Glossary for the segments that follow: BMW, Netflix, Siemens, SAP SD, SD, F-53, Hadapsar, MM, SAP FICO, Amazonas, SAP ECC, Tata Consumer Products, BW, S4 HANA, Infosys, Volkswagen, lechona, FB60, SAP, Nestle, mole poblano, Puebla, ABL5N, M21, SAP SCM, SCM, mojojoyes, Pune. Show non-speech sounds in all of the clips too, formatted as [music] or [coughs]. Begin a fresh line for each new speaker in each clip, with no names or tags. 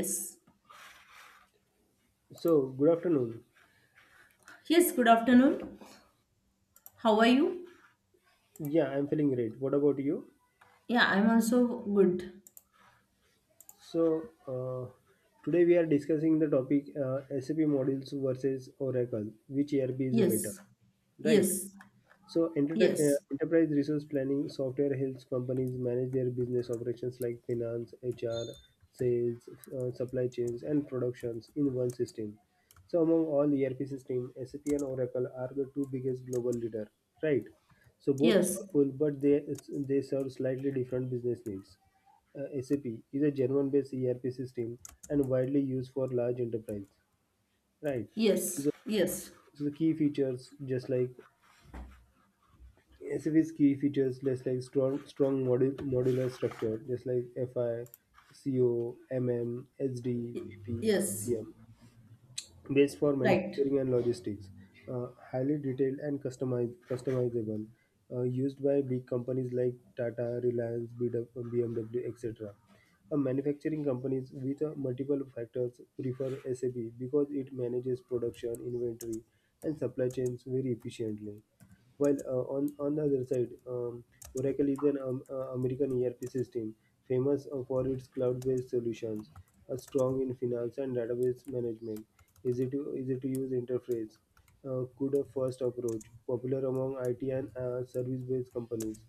Yes.
So, good afternoon.
Yes, good afternoon. How are you?
Yeah, I'm feeling great. What about you?
Yeah, I'm also good.
So, today we are discussing the topic SAP modules versus Oracle. Which ERP is better,
Yes.
right?
Yes.
So,
Yes.
enterprise resource planning software helps companies manage their business operations like finance, HR, sales, supply chains, and productions in one system. So, among all ERP systems, SAP and Oracle are the two biggest global leader, right? So, both
Yes.
powerful, but they serve slightly different business needs. SAP is a German-based ERP system and widely used for large enterprise, right? So
Yes.
the,
Yes.
so the key features, just like SUV's key features less like strong modular structure, just like FI, CO, MM, SD,
Y-
PP,
Yes.
CM, based for
Right.
manufacturing and logistics. Highly detailed and customizable, used by big companies like Tata, Reliance, BW, BMW, etc. A manufacturing companies with multiple factors prefer SAP because it manages production, inventory, and supply chains very efficiently. While on the other side, Oracle is an American ERP system famous for its cloud based solutions, a strong in finance and database management, easy to use interface, good first approach, popular among IT and service based companies.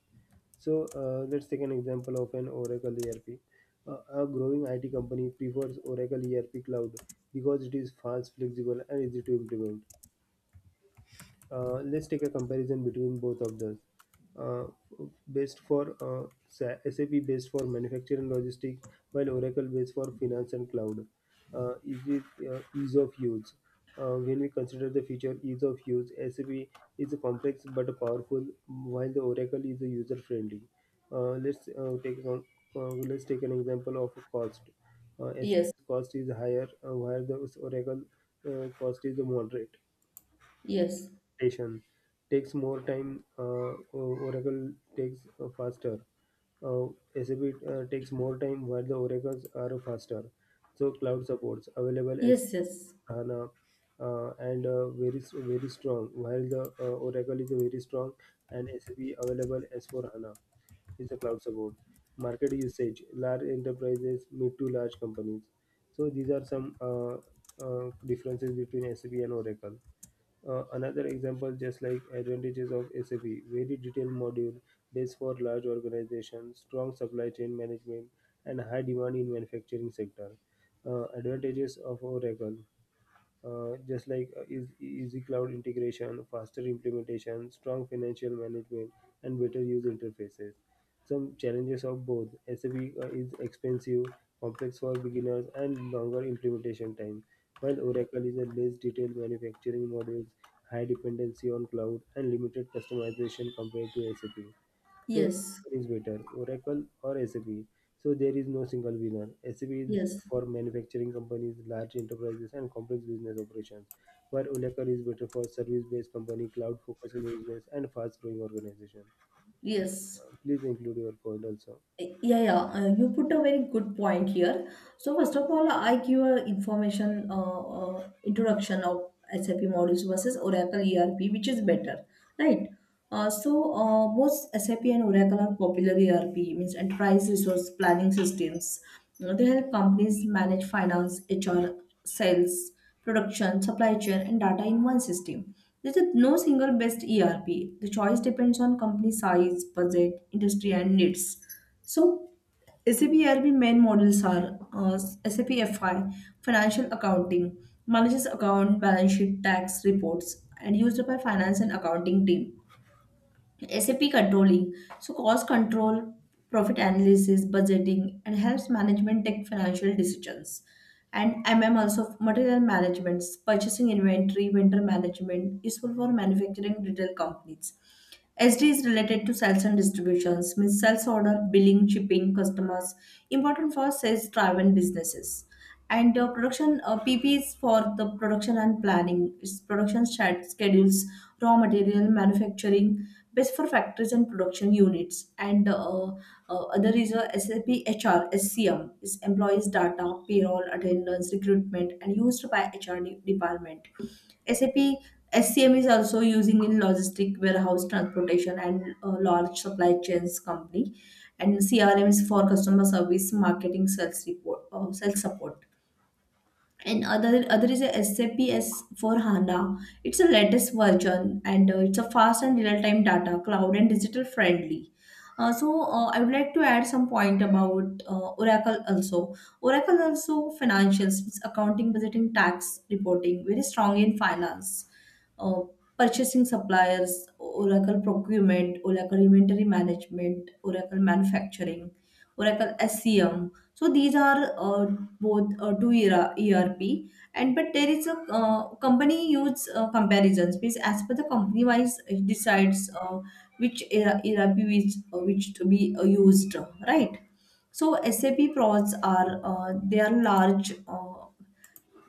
So, let's take an example of an Oracle ERP. A growing IT company prefers Oracle ERP Cloud because it is fast, flexible, and easy to implement. Let's take a comparison between both of those. Uh, Based for SAP based for manufacturing and logistic, while Oracle based for finance and cloud. Is it ease of use? When we consider the feature ease of use, SAP is complex but powerful, while the Oracle is user friendly. Uh, let's uh, take a- let's take an example of cost.
Yes.
SAP's cost is higher, while the Oracle cost is moderate
Yes.
station takes more time. Uh, Oracle takes faster. Uh, SAP takes more time while the Oracles are faster. So cloud supports available as
Yes, yes.
HANA, and very strong. While the Oracle is very strong and SAP available as for HANA is the cloud support. Market usage, large enterprises, mid to large companies. So these are some differences between SAP and Oracle. Another example, just like advantages of SAP: very detailed module, days for large organizations, strong supply chain management, and high demand in manufacturing sector. Advantages of Oracle, just like easy cloud integration, faster implementation, strong financial management, and better user interfaces. Some challenges of both: SAP is expensive, complex for beginners, and longer implementation time, while Oracle is a less detailed manufacturing modules, high dependency on cloud, and limited customization compared to SAP. So
Yes.
what is better, Oracle or SAP? So there is no single winner. SAP is
Yes.
for manufacturing companies, large enterprises, and complex business operations, while Oracle is better for service-based company, cloud-focused business, and fast-growing organization.
Yes.
Please include your point also.
Yeah, yeah, you put a very good point here. So first of all, I give a information introduction of SAP modules versus Oracle ERP, which is better, right? Both SAP and Oracle are popular ERP, means enterprise resource planning systems. You know, they help companies manage finance, HR, sales, production, supply chain, and data in one system. There is no single best ERP. The choice depends on company size, budget, industry, and needs. So, SAP ERP main modules are SAP FI, Financial Accounting, manages account, balance sheet, tax reports, and used by finance and accounting team. SAP controlling. So cost control, profit analysis, budgeting, and helps management take financial decisions. And MM also material management, purchasing inventory, vendor management, useful for manufacturing retail companies. SD is related to sales and distributions, means sales order, billing, shipping, customers, important for sales driven businesses and production pp is for the production and planning, it's production schedules, raw material manufacturing, best for factories and production units, and other is a sap hr scm is employees data, payroll, attendance, recruitment, and used by hr department. SAP SCM is also using in logistic, warehouse, transportation, and large supply chains company, and CRM is for customer service, marketing, sales report, sales support. And other is a SAP S4 HANA. It's a latest version, and it's a fast and real time data, cloud, and digital friendly. I would like to add some point about Oracle also. Oracle also financials, it's accounting, budgeting, tax reporting, very strong in finance. Uh, purchasing suppliers, Oracle procurement, Oracle inventory management, Oracle manufacturing, Oracle SCM. So these are both to ERA ERP, and but there is a company use comparisons, because as per the company wise, it decides which ERA ERP which to be used, right? So SAP prods are they are large uh,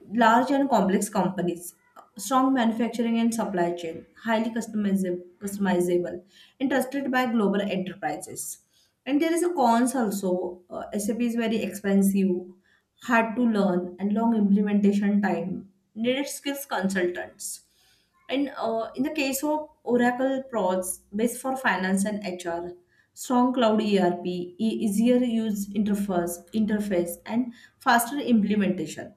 large and complex companies, strong manufacturing and supply chain, highly customizable, and trusted by global enterprises. And there is a cons also. SAP is very expensive, hard to learn, and long implementation time. Needed skills consultants. And in the case of Oracle Prods, best for finance and HR, strong cloud ERP, easier use interface, and faster implementation.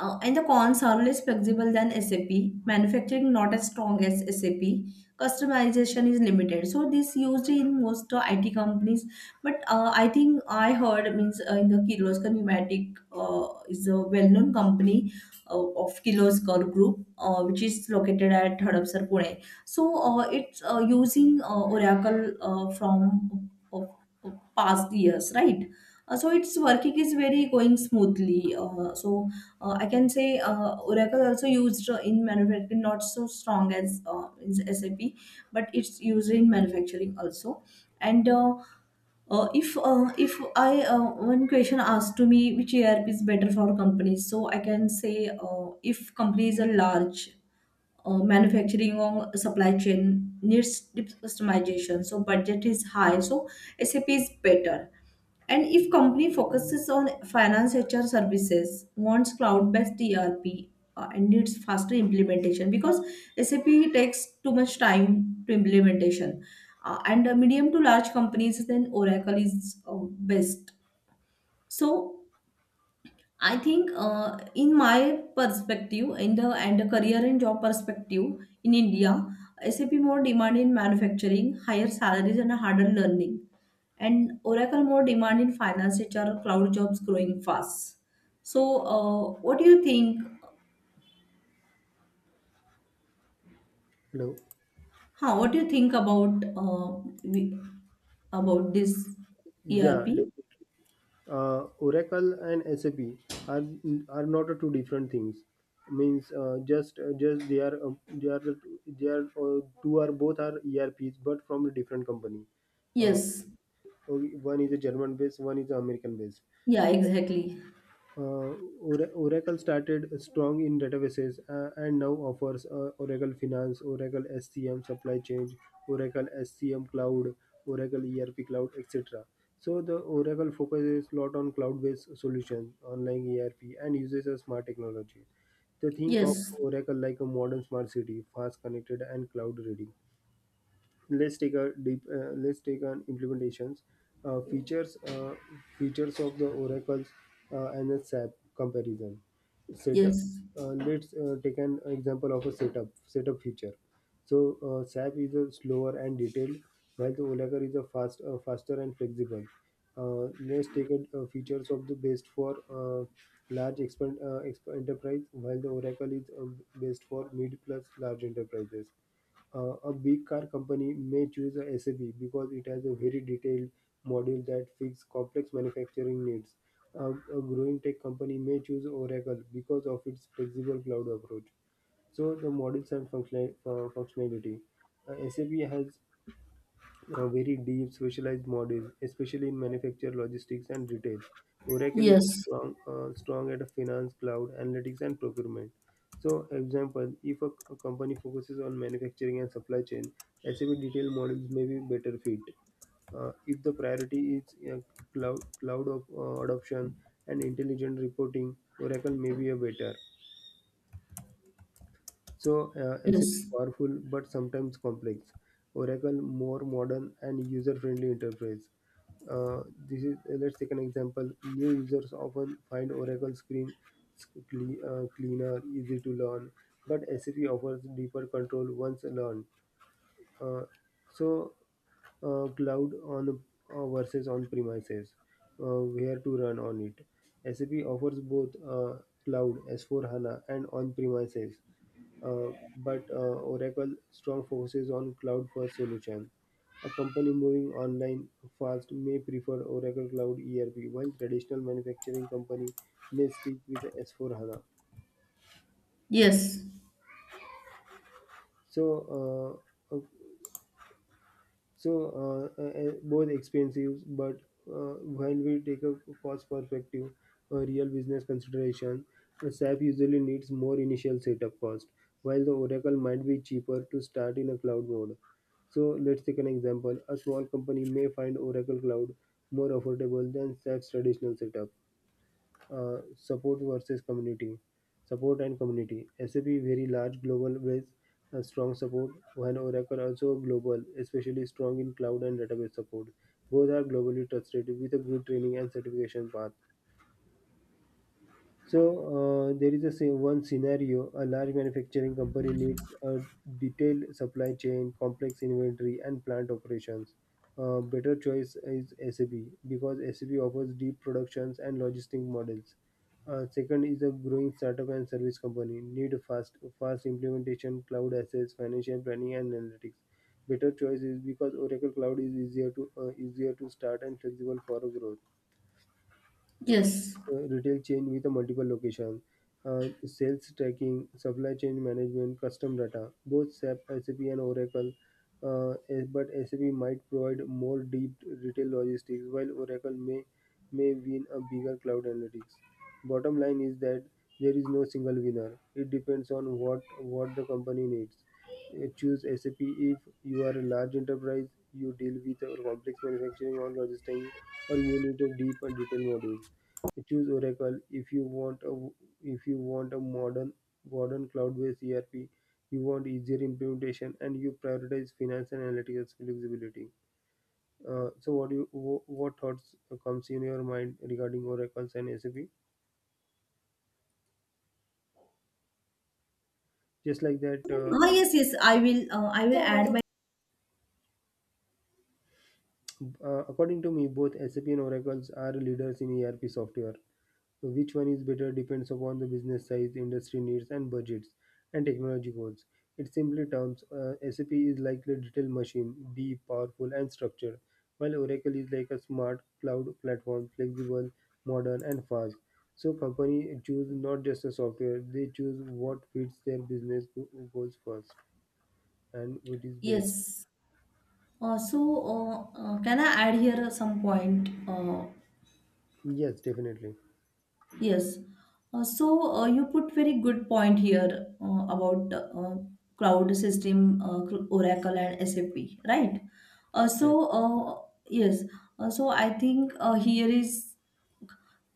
And the cons are less flexible than SAP, manufacturing not as strong as SAP, customization is limited. So this used in most IT companies. But I think I heard means in the Kirloskar Pneumatic is a well-known company of Kirloskar Group, which is located at Hadapsar, Pune. So it's using Oracle from of past years, right? So its working is very going smoothly. I can say Oracle also used in manufacturing, not so strong as is SAP, but it's used in manufacturing also. And if I one question asked to me which ERP is better for companies, so I can say if companies are large, manufacturing or supply chain needs deep customization, so budget is high, so sap is better. And if company focuses on finance, hr services, wants cloud-based erp, and needs faster implementation, because sap takes too much time to implementation. And medium to large companies, then oracle is uh, best. So I think, in my perspective, in the and the career and job perspective in India, SAP more demand in manufacturing, higher salaries, and harder learning, and Oracle more demand in finance, HR, cloud jobs growing fast. So, what do you think?
Hello.
Huh, what do you think about we, about this
Yeah,
ERP?
definitely. Oracle and SAP are are not two different things. Means just they are the two, they are two are both are ERPs, but from a different company. Uh,
Yes.
okay, one is a German based, one is American based.
Yeah. Exactly.
Uh, Oracle started strong in databases and now offers Oracle Finance, Oracle SCM Supply Chain, Oracle SCM Cloud, Oracle ERP Cloud, etc. So the Oracle focuses a lot on cloud-based solutions, online ERP, and uses a smart technology. They think of
Yes.
Oracle like a modern smart city, fast connected and cloud-ready. Let's take an implementations uh, features uh, features of the oracles and the sap comparison setup.
Yes.
Let's take an example of a setup feature. So, sap is a slower and detailed, while the oracle is a faster and flexible. Let's take a, features of the best for large enterprise, while the oracle is best for mid plus large enterprises. A big car company may choose a SUV because it has a very detailed module that fits complex manufacturing needs. A growing tech company may choose Oracle because of its flexible cloud approach. So the models and functionality. SAP has a very deep specialized model, especially in manufacture, logistics, and retail. Oracle is
Yes.
strong at finance, cloud, analytics, and procurement. So, example, if a company focuses on manufacturing and supply chain, SAP detail models may be better fit. If the priority is cloud adoption and intelligent reporting, Oracle may be a better. So, SAP is
Yes.
powerful but sometimes complex. Oracle more modern and user-friendly interface. This is let's take an example. New users often find Oracle screen cleaner, easy to learn, but SAP offers deeper control once learned. Uh, so Cloud on versus on premises, where to run on it. SAP offers both cloud S4 HANA and on premises, uh, but Oracle strong focuses on cloud first solution. A company moving online fast may prefer Oracle Cloud ERP, while traditional manufacturing company may stick with S4 HANA.
Yes.
So, uh, both expensive, but when we take a cost perspective, a real business consideration, a SAP usually needs more initial setup cost, while the Oracle might be cheaper to start in a cloud mode. So let's take an example. A small company may find Oracle Cloud more affordable than SAP's traditional setup. Support versus community support and community sap very large global with strong support, while oracle also global especially strong in cloud and database support. Both are globally trusted with a good training and certification path. So there is a say one scenario: a large manufacturing company needs a detailed supply chain, complex inventory, and plant operations. A better choice is SAP because SAP offers deep productions and logistic models. Second is a growing startup and service company need fast implementation, cloud assets, financial planning, and analytics. Better choice is because Oracle Cloud is easier to start and flexible for growth.
Yes.
Retail chain with a multiple location, sales tracking, supply chain management, custom data, both SAP and Oracle. But SAP might provide more deep retail logistics, while Oracle may win a bigger cloud analytics. Bottom line is that there is no single winner. It depends on what the company needs. Choose SAP if you are a large enterprise, you deal with complex manufacturing or logistics, or you need a deep and detailed modules. Choose Oracle if you want a modern cloud-based ERP. You want easier implementation and you prioritize finance and analytical flexibility. So, what do you what thoughts comes in your mind regarding Oracle's and SAP? Just like that, uh,
Ah, yes, yes, I will add my,
According to me, both SAP and Oracle's are leaders in ERP software. So which one is better depends upon the business size, industry needs, and budgets and technology goals. In simply terms, SAP is like a detailed machine, deep, powerful, and structured, while Oracle is like a smart cloud platform, flexible, modern, and fast. So company choose not just a software; they choose what fits their business goals first and what is best.
yes. Uh, so, can I add here some point?
Yes, definitely.
Yes. You put very good point here about cloud system, Oracle and SAP, right? Uh,
Right.
so, uh, yes. So, I think here is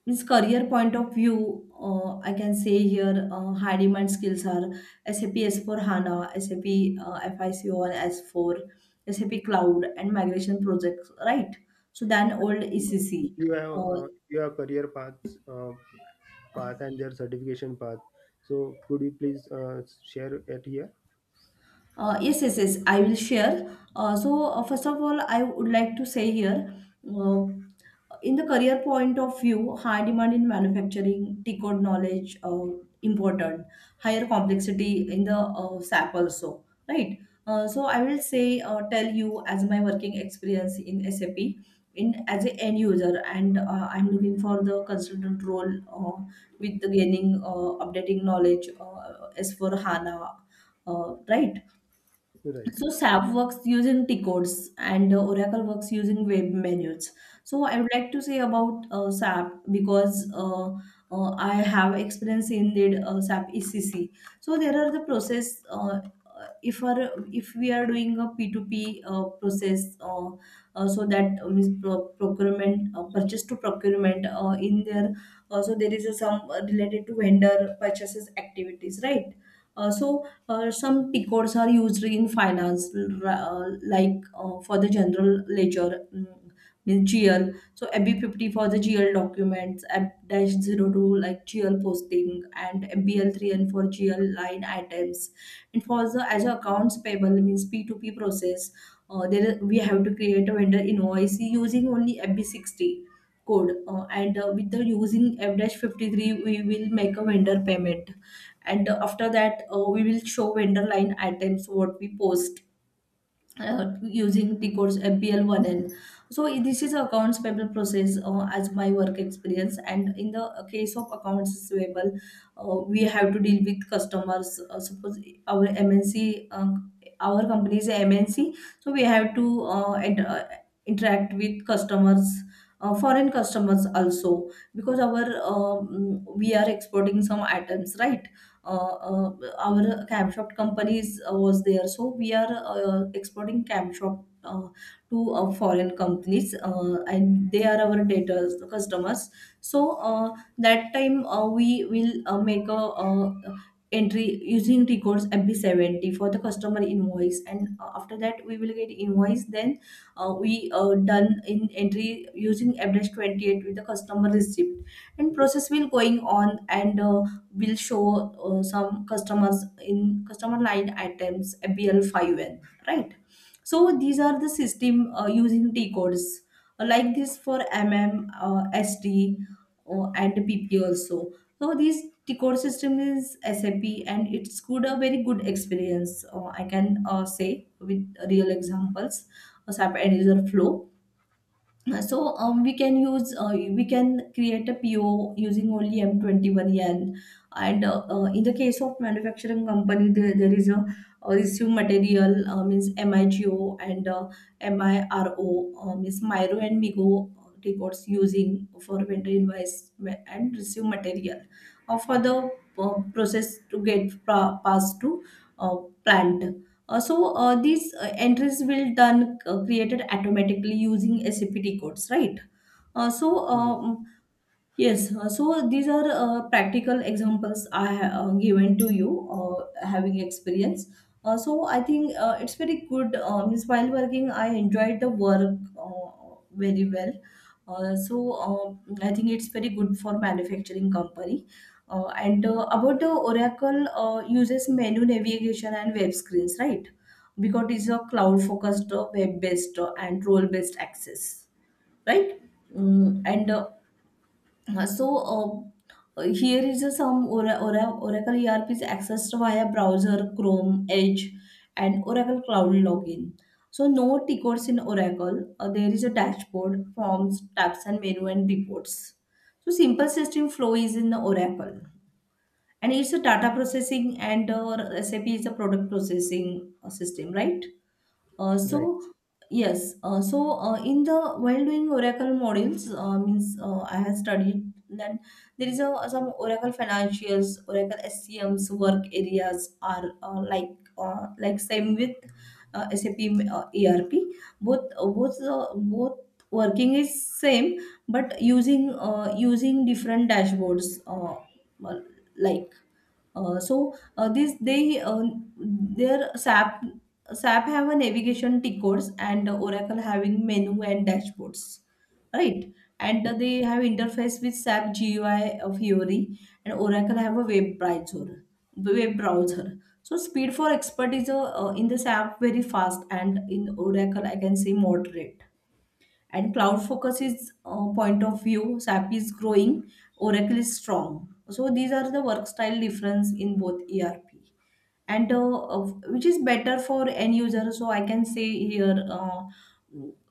means career point of view, I can say here high demand skills are SAP S4 HANA, SAP uh, FICO and S4, SAP Cloud and migration projects, right? So then old
If
ECC.
you have
Uh,
career paths. Path and their certification path. So could you please share it here?
Yes, yes, yes. I will share. First of all, I would like to say here, uh, in the career point of view, high demand in manufacturing, decode knowledge, important, higher complexity in the SAP also, right? I will say, tell you as my working experience in SAP. In, as an end user, and I'm looking for the consultant role with the gaining updating knowledge as for hana, right.
Right,
So SAP works using T-codes, and Oracle works using web menus. So I would like to say about SAP, because I have experience in the SAP ECC. So there are the process, if are if we are doing a P2P process so that means procurement, purchase to procurement in there. So there is a some related to vendor purchases activities, right. Uh, so some picots are used in finance, like for the general ledger, mm, means GL. So MB50 for the GL documents, f 02 like GL posting, and mbl 3 and for GL line items. And for the as a accounts payable means P2P process, there is- we have to create a vendor invoice using only FB60 code, and with the using f-53, we will make a vendor payment. And after that we will show vendor line items what we post using the codes FBL1N. So this is accounts payable process as my work experience. And in the case of accounts receivable, we have to deal with customers. Suppose our MNC, our company is a MNC, so we have to interact with customers. Foreign customers also, because our we are exporting some items, right. Our cam shop companies was there, so we are exporting cam shop to foreign companies, and they are our daters customers. So that time we will make a entry using records mp70 for the customer invoice. And after that we will get invoice, then we done in entry using f-28 with the customer receipt, and process will going on. And will show some customers in customer line items ABL5N, right? So these are the system using T codes, like this for MM, SD, and PP also. So this T code system is SAP, and it's good a very good experience. I can say with real examples, SAP end user flow. We can use we can create a PO using only M21 yen. And in the case of manufacturing company, there is a residue material means MIGO, and MIRO, means Miro and Migo records using for vendor invoice and receive material for the process to get passed to uh, plant. These entries will done created automatically using SAPT codes, right? Uh, so
right,
uh, yes, so these are practical examples I have given to you, having experience. So I think it's very good. Means while working, I enjoyed the work very well. I think it's very good for manufacturing company. And about the Oracle, uses menu navigation and web screens, right? Because it's a cloud focused, web based, and role based access, right? Mm, and here is a some Oracle ERP is accessed via browser, Chrome, Edge, and Oracle Cloud login. So no tickets in Oracle. There is a dashboard, forms, tabs, and menu and reports. So simple system flow is in Oracle, and it's a data processing, and SAP is a product processing system, right? Uh,
right.
so yes, in the while doing Oracle models, means I have studied that there is a, some Oracle financials, Oracle SCM's work areas are like same with SAP ERP. Both working is same, but using using different dashboards. Well, like so this they their SAP have a navigation T codes, and Oracle having menu and dashboards, right? And they have interface with SAP GUI of Fiori, and Oracle have a web browser. Web browser. So speed for expert is in the SAP very fast, and in Oracle I can say moderate. And cloud focus is, point of view. SAP is growing. Oracle is strong. So these are the work style difference in both ERP, and which is better for end user. So I can say here uh,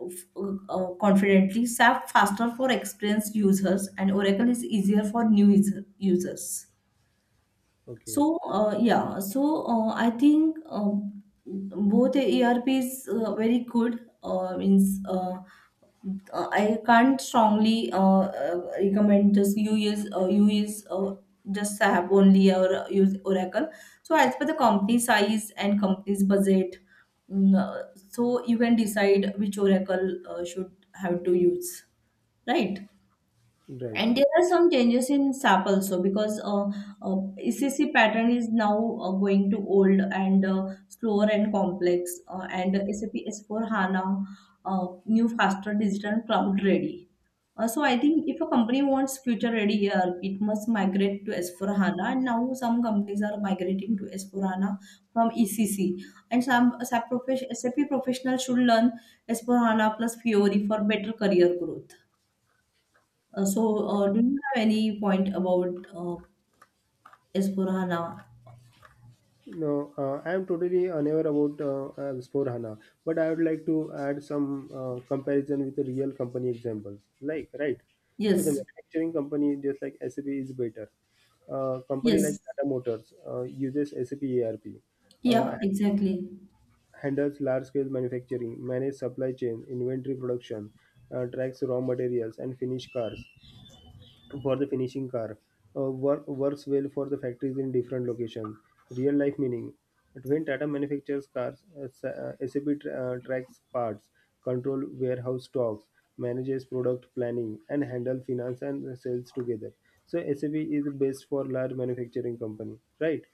f- uh, uh, confidently, SAP faster for experienced users, and Oracle is easier for users.
Okay,
So, yeah, so I think, both the ERP is very good. Means, I can't strongly recommend, just you use just have only or use Oracle. So as per the company size and company's budget, so you can decide which Oracle should have to use, right?
right.
And there are some changes in SAP also, because uh, ECC pattern is now going to old and slower and complex, and SAP S4 HANA new faster digital cloud ready. So I think if a company wants future ready ERP, it must migrate to S4 HANA. And now some companies are migrating to S4 HANA from ECC, and some SAP professionals should learn S4 HANA plus Fiori for better career growth. So, do you have any point about S/4HANA?
No, I am totally unaware about S4 HANA, but I would like to add some comparison with the real company examples. Like, right. So the
Yes,
manufacturing company, just like SAP, is better. Company like
yes,
Tata Motors uses SAP ERP. Uh,
yeah, exactly.
Handles large-scale manufacturing, manages supply chain, inventory production, tracks raw materials and finished cars for the finishing car, works well for the factories in different locations. Real-life meaning. But when Tata manufactures cars, SAP tracks parts, control warehouse stocks, manages product planning, and handle finance and sales together. So SAP is best for large manufacturing company, right?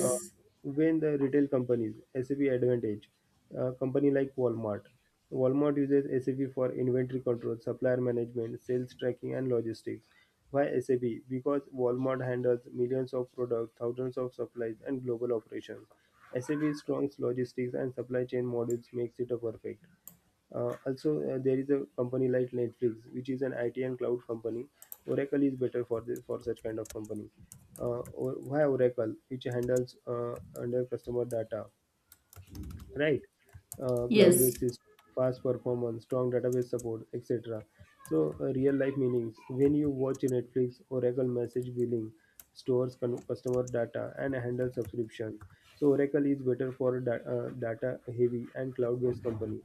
uh, when the retail companies SAP advantage, company like Walmart uses SAP for inventory control, supplier management, sales tracking, and logistics. Why SAP? Because Walmart handles millions of products, thousands of supplies, and global operations. SAP's strong logistics and supply chain modules makes it a perfect. Also, there is a company like Netflix, which is an IT and cloud company. Oracle is better for for such kind of company. Why Oracle, which handles under customer data, right?
yes,
Cloud-based system, fast performance, strong database support, etc. So, real-life meanings. When you watch Netflix, Oracle message billing, stores customer data, and handle subscription. So, Oracle is better for data-heavy and cloud-based company.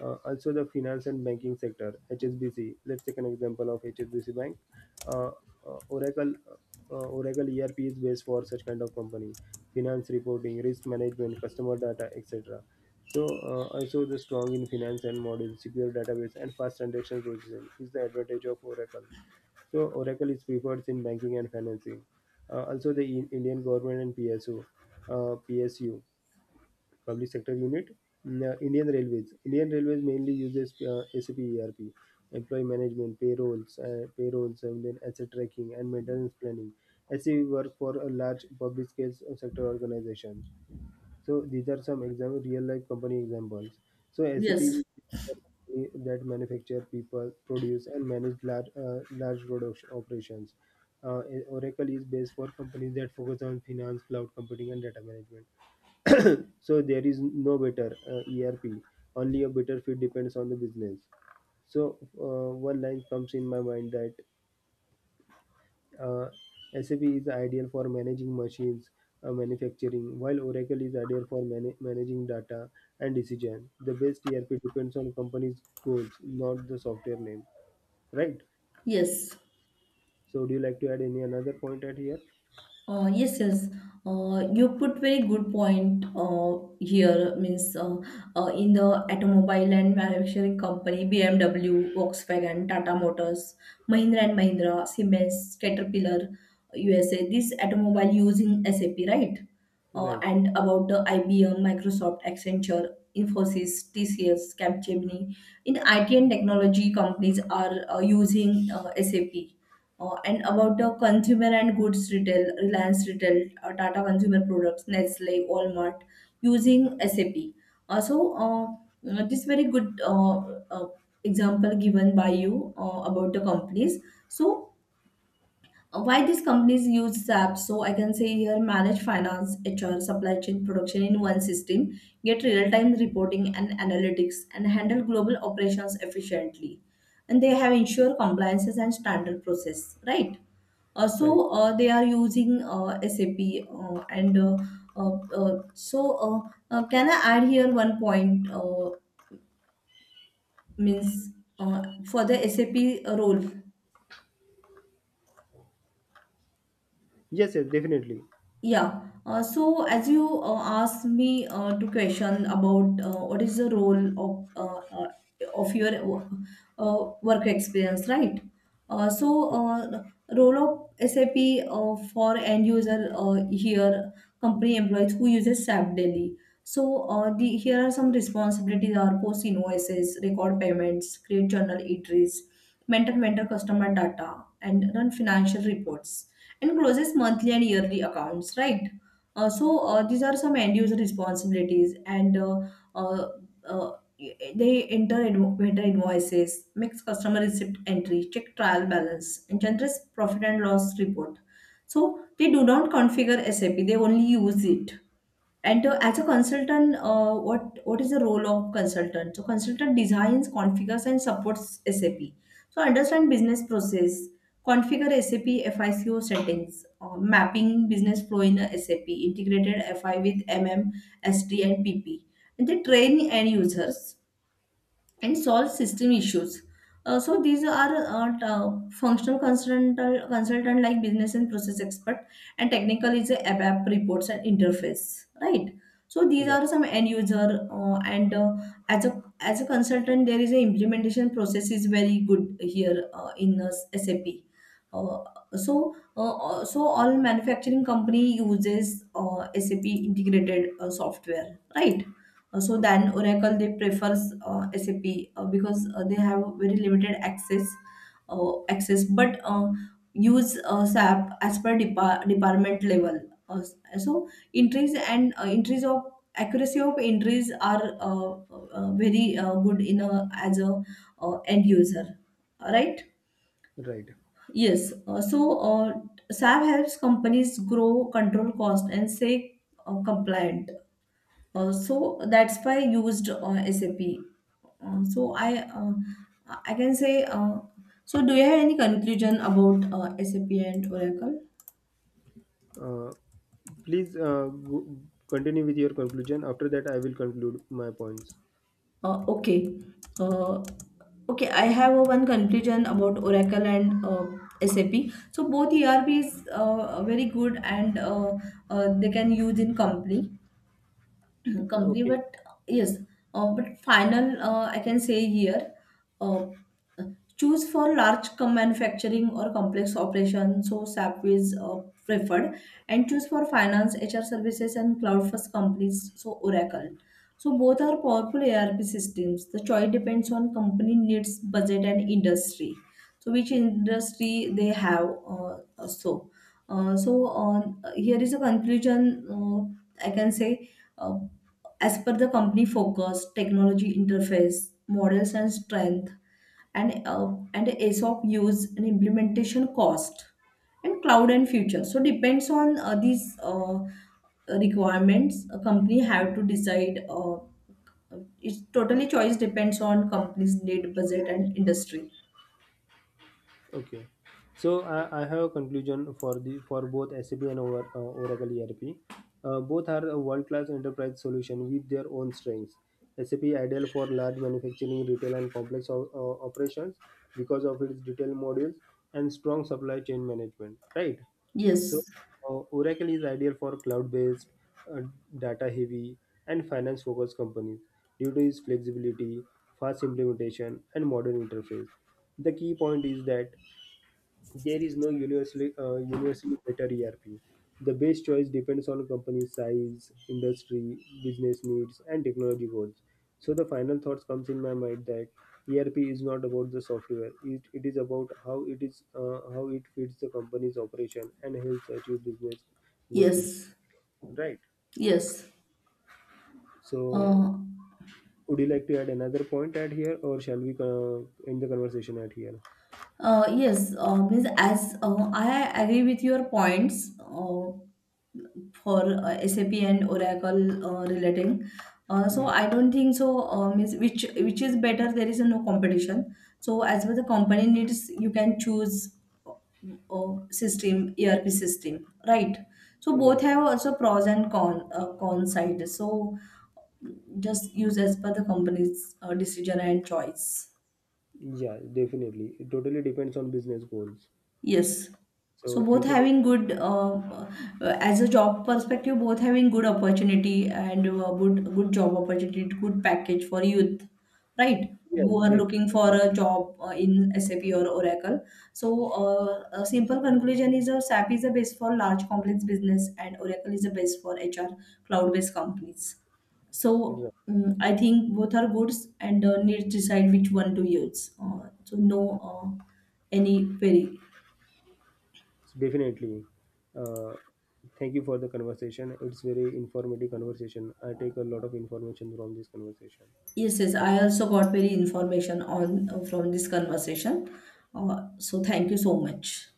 Also, the finance and banking sector, HSBC. Let's take an example of HSBC Bank. Uh, Oracle Oracle ERP is based for such kind of company. Finance reporting, risk management, customer data, etc. So, also the strong in finance and model, secure database, and fast transaction processing is the advantage of Oracle. So Oracle is preferred in banking and financing. Also, the Indian government and PSU, PSU public sector unit, mm, Indian Railways. Indian Railways mainly uses SAP ERP, employee management, payrolls, and then asset tracking and maintenance planning. As we work for a large public scale sector organization. So these are some example, real life company examples. So SAP
yes,
is a company that manufacture, people, produce, and manage large production operations. Uh, Oracle is based for companies that focus on finance, cloud computing, and data management. [coughs] [clears throat] So there is no better ERP, only a better fit depends on the business. So one line comes in my mind that uh, SAP is ideal for managing machines, manufacturing, while Oracle is ideal for managing data and decision. The best ERP depends on company's goals, not the software name, right?
yes.
So do you like to add any another point at here?
Yes, yes. You put very good point here, means, in the automobile and manufacturing company: BMW, Volkswagen, Tata Motors, Mahindra and Mahindra, Siemens, Caterpillar, USA. This automobile using SAP, right?
Right,
And about the IBM, Microsoft, Accenture, Infosys, TCS, Capgemini. In IT and technology companies are using SAP. And about the consumer and goods retail: Reliance Retail, Tata Consumer Products, Nestle, Walmart, using SAP. So, this very good uh, example given by you about the companies. So why these companies use SAP. So I can say here: manage finance, HR, supply chain, production in one system, get real time reporting and analytics, and handle global operations efficiently. And they have ensure compliances and standard process, right?
right.
So they are using SAP, and so, can I add here one point, means, uh, for the SAP role?
Yes, yes, definitely.
Yeah. So as you asked me to question about what is the role of of your wo- work experience, right? So, role of SAP for end user, here company employees who uses SAP daily. So the here are some responsibilities: are post invoices, record payments, create journal entries, maintain mentor customer data, and run financial reports, and closes monthly and yearly accounts, right? So, these are some end user responsibilities, and uh, uh, they enter vendor invoices, makes customer receipt entry, check trial balance, and generates profit and loss report. So they do not configure SAP, they only use it. And as a consultant, what is the role of consultant? So consultant designs, configures, and supports SAP. So understand business process, configure SAP FICO settings, mapping business flow in a SAP, integrated FI with MM, SD, and PP. And they train end users and solve system issues. So these are functional consultant, consultant like business and process expert, and technical is a app reports and interface, right? So
Yeah,
these
right.
are some end user, and as a consultant, there is a implementation process is very good here in SAP. Uh, so all manufacturing company uses SAP integrated software, right? So than Oracle, they prefers SAP, because they have very limited access. Access, but use SAP as per department level. Uh, so entries, and entries of accuracy of entries are very good in a, as a end user. Right?
Right.
Yes. So, SAP helps companies grow, control cost, and stay compliant. So that's why I used SAP. So I can say. So do you have any conclusion about SAP and Oracle?
Uh, please continue with your conclusion. After that, I will conclude my points.
Okay. Uh, okay, I have a one conclusion about Oracle and SAP. So both ERP is are very good, and they can use in company. [clears throat] Company,
Okay,
but yes, but final, I can say here, uh, choose for manufacturing or complex operation, so SAP is preferred, and choose for finance, HR services, and cloud first companies, so Oracle. So both are powerful ARP systems. The choice depends on company needs, budget, and industry. So which industry they have? uh, uh, so uh, so uh, Here is a conclusion, uh, I can say, uh, as per the company focus, technology interface, models and strength, and and ASOP use and implementation cost, and cloud and future. So depends on these requirements. A company have to decide. It's totally choice depends on company's need, budget, and industry.
okay. So I have a conclusion for the for both SAP and Oracle ERP. Both are a world-class enterprise solution with their own strengths. SAP ideal for large manufacturing, retail, and complex operations because of its detailed modules and strong supply chain management. Right. So,
Yes.
Oracle is ideal for cloud-based, uh, data-heavy, and finance-focused companies due to its flexibility, fast implementation, and modern interface. The key point is that there is no universally better ERP. The best choice depends on company size, industry, business needs, and technology goals. So the final thoughts comes in my mind that ERP is not about the software. It is about how it fits the company's operation and helps achieve business goals.
Yes.
Right.
Yes.
So
Uh,
would you like to add another point at here, or shall we end the conversation at here?
yes, means as I agree with your points. For SAP and Oracle relating. So
Mhm.
I don't think so. Is which is better? There is no competition. So as per the company needs, you can choose uh, system ERP system, right? So both
Right.
have also pros and con side. So just use as per the company's decision and choice.
Yeah, definitely. It totally depends on business goals.
Yes. So
So
both
thank you for.
having good, as a job perspective, both having good opportunity, and good job opportunity, good package for youth, right?
Yeah,
Who are looking for a
definitely.
job in SAP or Oracle. So, a simple conclusion is, SAP is the base for large complex business, and Oracle is the base for HR cloud-based companies.
Yeah,
So, I think both are goods and need to decide which one to use. So no, uh, any very.
so definitely. Uh, Thank you for the conversation. It's very informative conversation. I take a lot of information from this conversation.
Yes, yes,
Thank
I also
you.
got very information on from this conversation. So thank you so much.